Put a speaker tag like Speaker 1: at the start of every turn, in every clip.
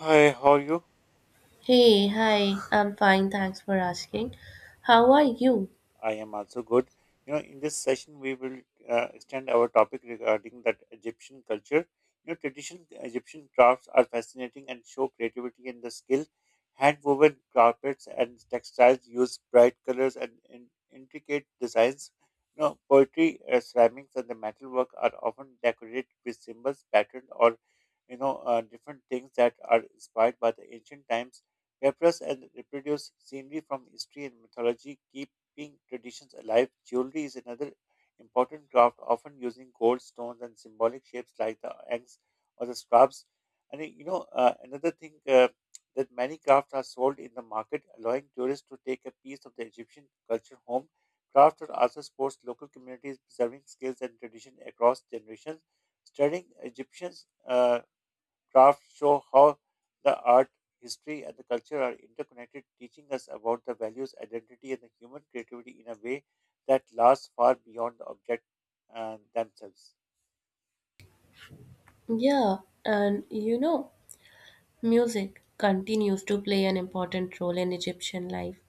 Speaker 1: Hi, how are you?
Speaker 2: Hey, hi, I'm fine, thanks for asking. How are you?
Speaker 1: I am also good. In this session, we will extend our topic regarding that Egyptian culture. Traditional Egyptian crafts are fascinating and show creativity and the skill. Hand-woven carpets and textiles use bright colors and intricate designs. Poetry, ceramics, and the metalwork are often decorated with symbols, patterns, or different things that are inspired by the ancient times. Papyrus and reproduced scenery from history and mythology keep keeping traditions alive. Jewelry is another important craft, often using gold, stones, and symbolic shapes like the eggs or the scarabs. Another thing that many crafts are sold in the market, allowing tourists to take a piece of the Egyptian culture home. Crafts are also sports local communities, preserving skills and tradition across generations. Studying Egyptians. Crafts show how the art, history, and the culture are interconnected, teaching us about the values, identity, and the human creativity in a way that lasts far beyond the object themselves.
Speaker 2: Yeah, and you know, music continues to play an important role in Egyptian life.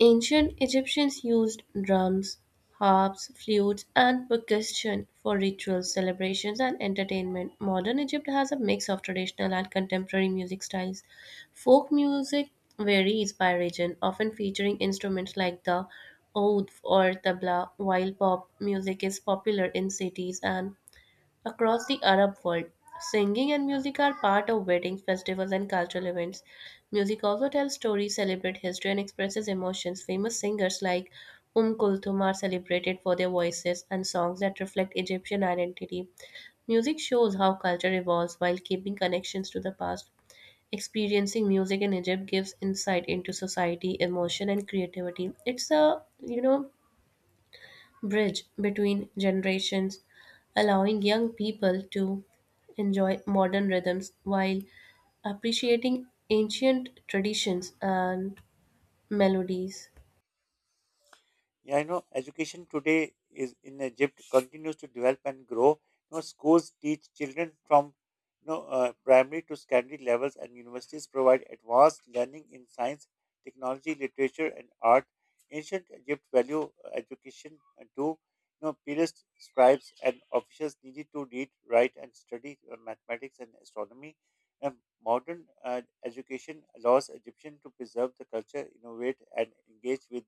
Speaker 2: Ancient Egyptians used drums, harps, flutes, and percussion for rituals, celebrations, and entertainment. Modern Egypt has a mix of traditional and contemporary music styles. Folk music varies by region, often featuring instruments like the oud or tabla, while pop music is popular in cities and across the Arab world. Singing and music are part of weddings, festivals, and cultural events. Music also tells stories, celebrates history, and expresses emotions. Famous singers like Kulthum are celebrated for their voices and songs that reflect Egyptian identity. Music shows how culture evolves while keeping connections to the past. Experiencing music in Egypt gives insight into society, emotion, and creativity. It's a, you know, bridge between generations, allowing young people to enjoy modern rhythms while appreciating ancient traditions and melodies.
Speaker 1: Yeah, I know education today is in Egypt continues to develop and grow. Schools teach children from primary to secondary levels, and universities provide advanced learning in science, technology, literature, and art. Ancient Egypt value education too. Periods, scribes, and officials needed to read, write, and study mathematics and astronomy. And modern education allows Egyptian to preserve the culture, innovate, and engage with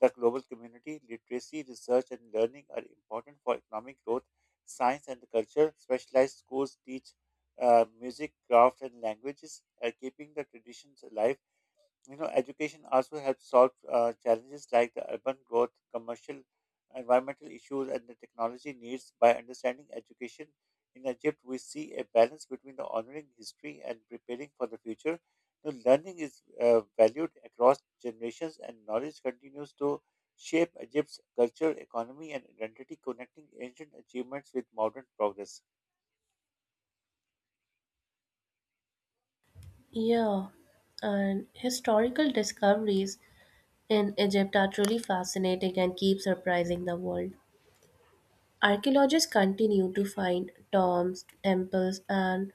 Speaker 1: the global community, literacy, research, and learning are important for economic growth. Science and culture, specialized schools teach music, craft, and languages, keeping the traditions alive. Education also helps solve challenges like the urban growth, commercial, environmental issues, and the technology needs. By understanding education in Egypt, we see a balance between the honoring history and preparing for the future. The learning is valued across generations, and knowledge continues to shape Egypt's culture, economy, and identity, connecting ancient achievements with modern progress.
Speaker 2: Yeah, and historical discoveries in Egypt are truly fascinating and keep surprising the world. Archaeologists continue to find tombs, temples, and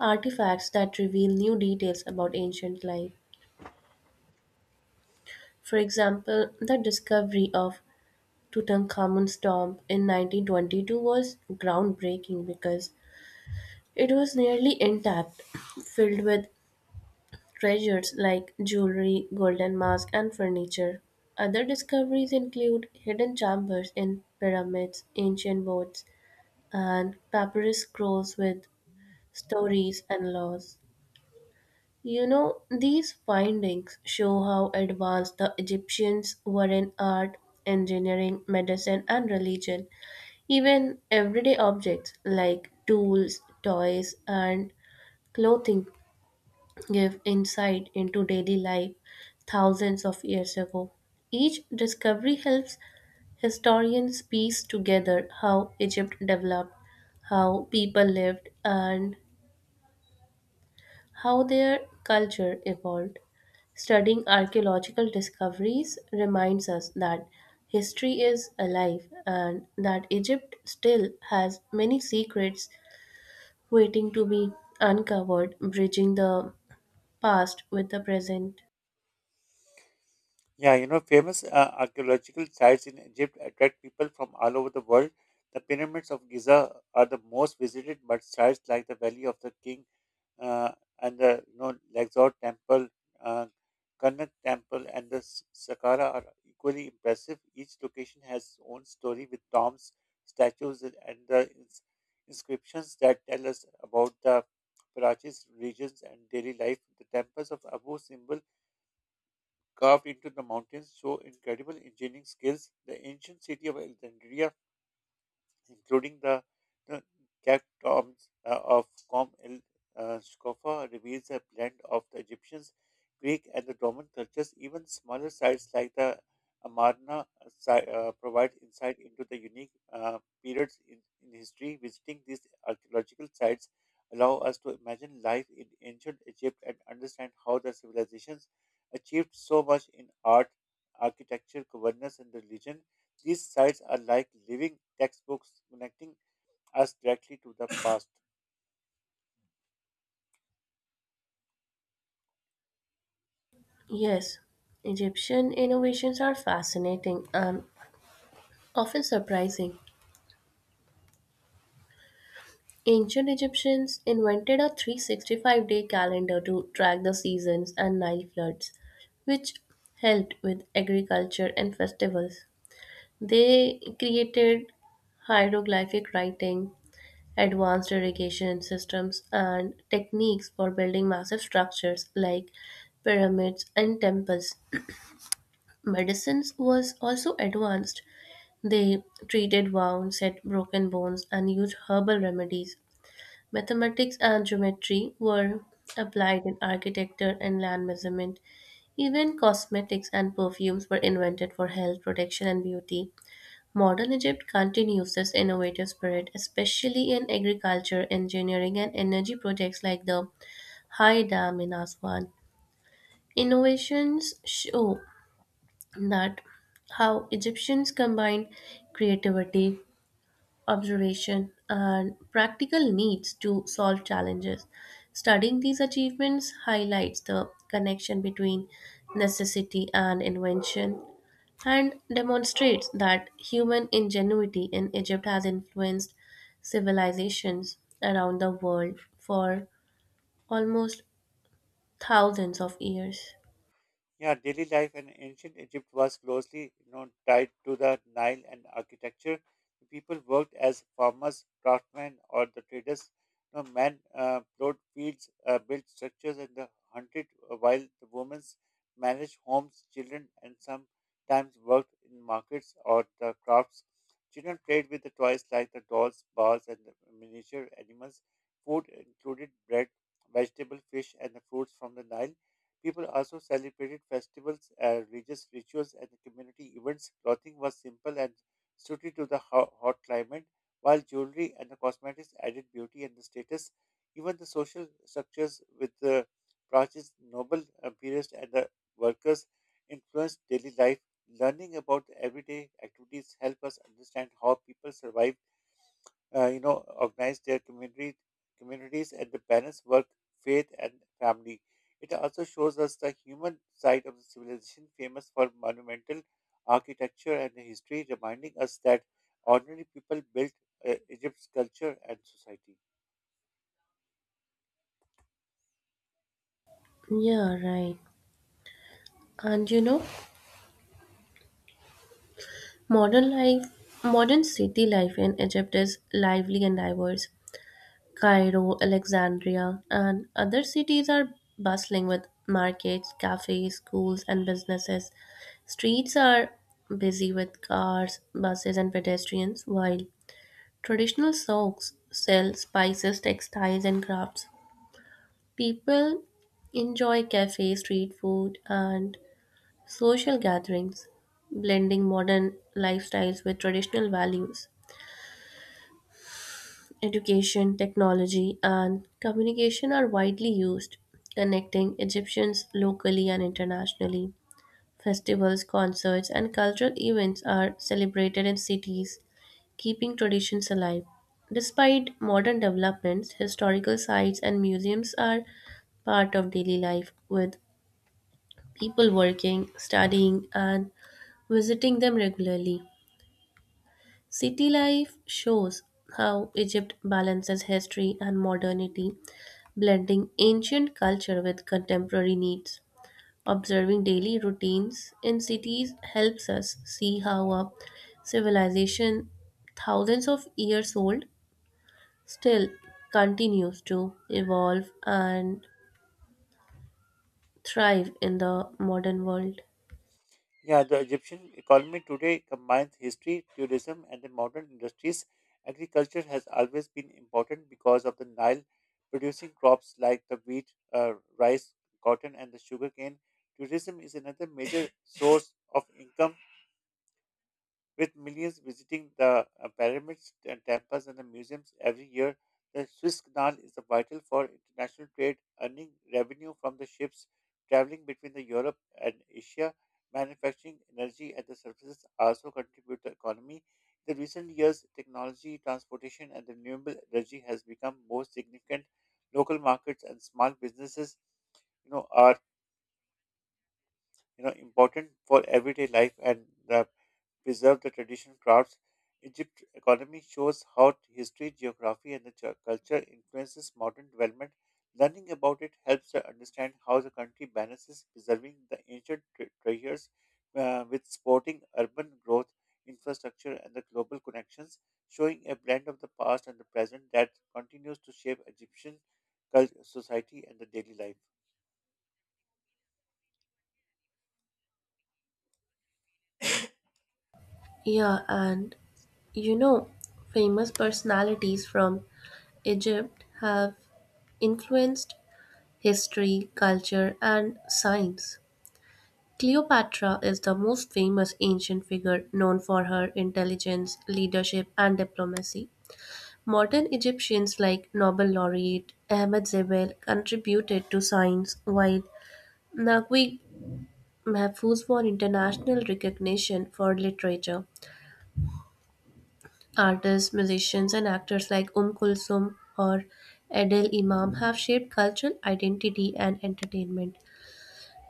Speaker 2: artifacts that reveal new details about ancient life. For example, the discovery of Tutankhamun's tomb in 1922 was groundbreaking because it was nearly intact, filled with treasures like jewelry, golden mask, and furniture. Other discoveries include hidden chambers in pyramids, ancient boats, and papyrus scrolls with stories and laws. You know, these findings show how advanced the Egyptians were in art, engineering, medicine, and religion. Even everyday objects like tools, toys, and clothing give insight into daily life thousands of years ago. Each discovery helps historians piece together how Egypt developed, how people lived, and how their culture evolved. Studying archaeological discoveries reminds us that history is alive and that Egypt still has many secrets waiting to be uncovered, bridging the past with the present.
Speaker 1: Yeah, famous archaeological sites in Egypt attract people from all over the world. The pyramids of Giza are the most visited, but sites like the Valley of the King uh, and the Luxor Temple, uh, Karnak Temple, and the Saqqara are equally impressive. Each location has its own story with tombs, statues, and the inscriptions that tell us about the Karachi's regions and daily life. The temples of Abu Simbel carved into the mountains show incredible engineering skills. The ancient city of Alexandria including the uh, catacombs of Com el Scoffa, reveals a blend of the Egyptians, Greek, and the Roman cultures. Even smaller sites like the Amarna provide insight into the unique periods in history. Visiting these archaeological sites allow us to imagine life in ancient Egypt and understand how the civilizations achieved so much in art, architecture, governance, and religion. These sites are like living textbooks connecting us directly to the past.
Speaker 2: Yes, Egyptian innovations are fascinating and often surprising. Ancient Egyptians invented a 365-day calendar to track the seasons and Nile floods, which helped with agriculture and festivals. They created hieroglyphic writing, advanced irrigation systems, and techniques for building massive structures like pyramids and temples. Medicines was also advanced. They treated wounds, set broken bones, and used herbal remedies. Mathematics and geometry were applied in architecture and land measurement. Even cosmetics and perfumes were invented for health, protection, and beauty. Modern Egypt continues this innovative spirit, especially in agriculture, engineering, and energy projects like the High Dam in Aswan. Innovations show that how Egyptians combined creativity, observation, and practical needs to solve challenges. Studying these achievements highlights the connection between necessity and invention and demonstrates that human ingenuity in Egypt has influenced civilizations around the world for almost thousands of years.
Speaker 1: Yeah, daily life in ancient Egypt was closely tied to the Nile and architecture. The people worked as farmers, craftsmen, or the traders. You know, men plowed fields, built structures, and the hunted, while the women managed homes, children, and sometimes worked in markets or the crafts. Children played with the toys like the dolls, bars, and the miniature animals. Food included bread, vegetable, fish, and the fruits from the Nile. People also celebrated festivals, religious rituals, and community events. Clothing was simple and suited to the hot climate, while jewelry and the cosmetics added beauty and the status. Even the social structures with the branches, noble, peers, and the workers influenced daily life. Learning about everyday activities help us understand how people survive organize their communities and the balance work, faith, and family. It also shows us the human side of the civilization, famous for monumental architecture and history, reminding us that ordinary people built Egypt's culture and society.
Speaker 2: Yeah, right. And you know, modern city life in Egypt is lively and diverse. Cairo, Alexandria, and other cities are bustling with markets, cafes, schools, and businesses. Streets are busy with cars, buses, and pedestrians, while traditional souks sell spices, textiles, and crafts. People enjoy cafe, street food, and social gatherings, blending modern lifestyles with traditional values. Education, technology, and communication are widely used, connecting Egyptians locally and internationally. Festivals, concerts, and cultural events are celebrated in cities, keeping traditions alive. Despite modern developments, historical sites and museums are part of daily life, with people working, studying, and visiting them regularly. City life shows how Egypt balances history and modernity, blending ancient culture with contemporary needs. Observing daily routines in cities helps us see how a civilization thousands of years old still continues to evolve and thrive in the modern world.
Speaker 1: Yeah, the Egyptian economy today combines history, tourism, and the modern industries. Agriculture has always been important because of the Nile, producing crops like the wheat, rice, cotton, and the sugarcane. Tourism is another major source of income with millions visiting the pyramids, temples, and the museums every year, the Swiss Canal is vital for international trade, earning revenue from the ships traveling between the Europe and Asia. Manufacturing, energy, and the services also contribute to the economy. In the recent years, technology, transportation, and the renewable energy has become more significant. Local markets and small businesses, are important for everyday life and the preserve the traditional crafts. Egypt's economy shows how history, geography, and the culture influences modern development. Learning about it helps to understand how the country balances preserving the ancient treasures with supporting urban growth, infrastructure, and the global connections, showing a blend of the past and the present that continues to shape Egyptian society and the daily life.
Speaker 2: Yeah, and you know, famous personalities from Egypt have influenced history, culture, and science. Cleopatra is the most famous ancient figure, known for her intelligence, leadership, and diplomacy. Modern Egyptians like Nobel laureate Ahmed Zebel contributed to science, while Naguib Mahfouz won international recognition for literature. Artists, musicians and actors like Kulthum or Adel Imam have shaped cultural identity and entertainment.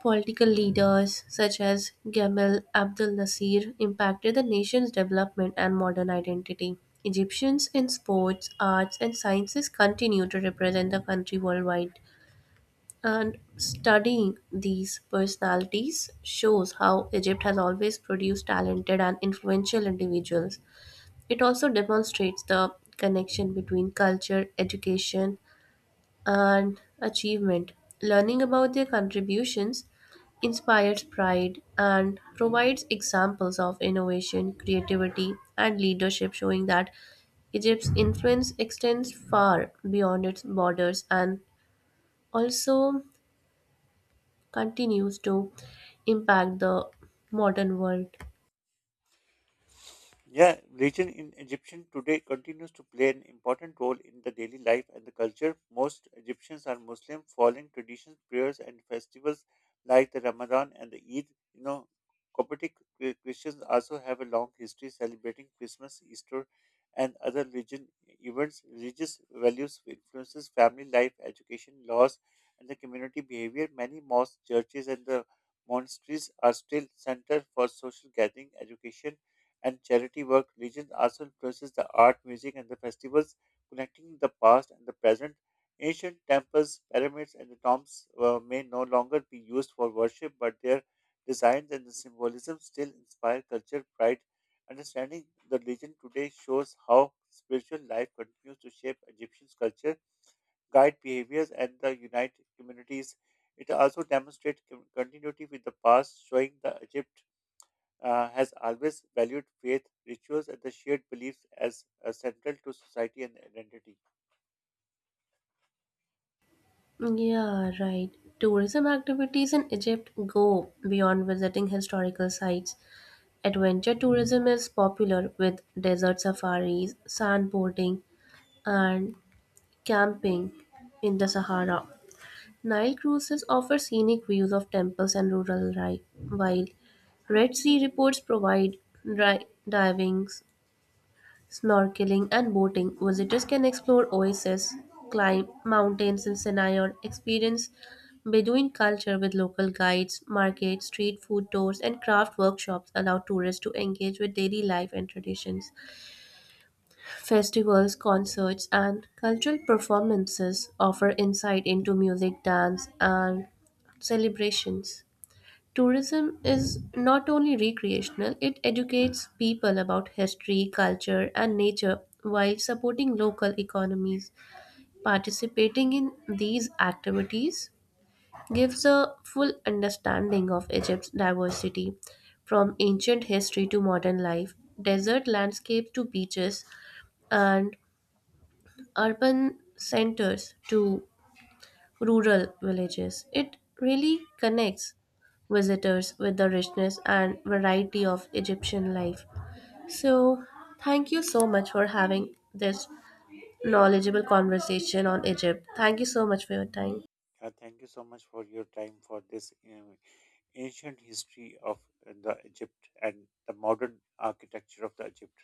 Speaker 2: Political leaders such as Gamal Abdel Nasser impacted the nation's development and modern identity. Egyptians in sports, arts, and sciences continue to represent the country worldwide. And studying these personalities shows how Egypt has always produced talented and influential individuals. It also demonstrates the connection between culture, education, and achievement. Learning about their contributions inspires pride and provides examples of innovation, creativity, and leadership, showing that Egypt's influence extends far beyond its borders and also continues to impact the modern world.
Speaker 1: Yeah, religion in Egyptian today continues to play an important role in the daily life and the culture. Most Egyptians are Muslim, following traditions, prayers, and festivals like the Ramadan and the Eid. You know, Coptic Christians also have a long history celebrating Christmas, Easter, and other religion events. Religious values influences family life, education, laws, and the community behavior. Many mosques, churches, and the monasteries are still center for social gathering, education and charity work, religion also influences the art, music, and the festivals, connecting the past and the present. Ancient temples, pyramids, and the tombs may no longer be used for worship, but their designs and the symbolism still inspire culture, pride. Understanding the religion today shows how spiritual life continues to shape Egyptian culture, guide behaviors, and the unite communities. It also demonstrates continuity with the past, showing the Egypt has always valued faith, rituals, and the shared beliefs as central to society and identity.
Speaker 2: Yeah, right. Tourism activities in Egypt go beyond visiting historical sites. Adventure tourism is popular with desert safaris, sandboarding, and camping in the Sahara. Nile cruises offer scenic views of temples and rural life, while Red Sea reports provide dry diving, snorkeling and boating. Visitors can explore oases, climb mountains in Sinai, or experience Bedouin culture with local guides. Markets, street food tours, and craft workshops allow tourists to engage with daily life and traditions. Festivals, concerts, and cultural performances offer insight into music, dance, and celebrations. Tourism is not only recreational, it educates people about history, culture, and nature while supporting local economies. Participating in these activities gives a full understanding of Egypt's diversity, from ancient history to modern life, desert landscapes to beaches, and urban centers to rural villages. It really connects visitors with the richness and variety of Egyptian life. So, thank you so much for having this knowledgeable conversation on Egypt. Thank you so much for your time.
Speaker 1: Thank you so much for your time for this ancient history of the Egypt and the modern architecture of the Egypt.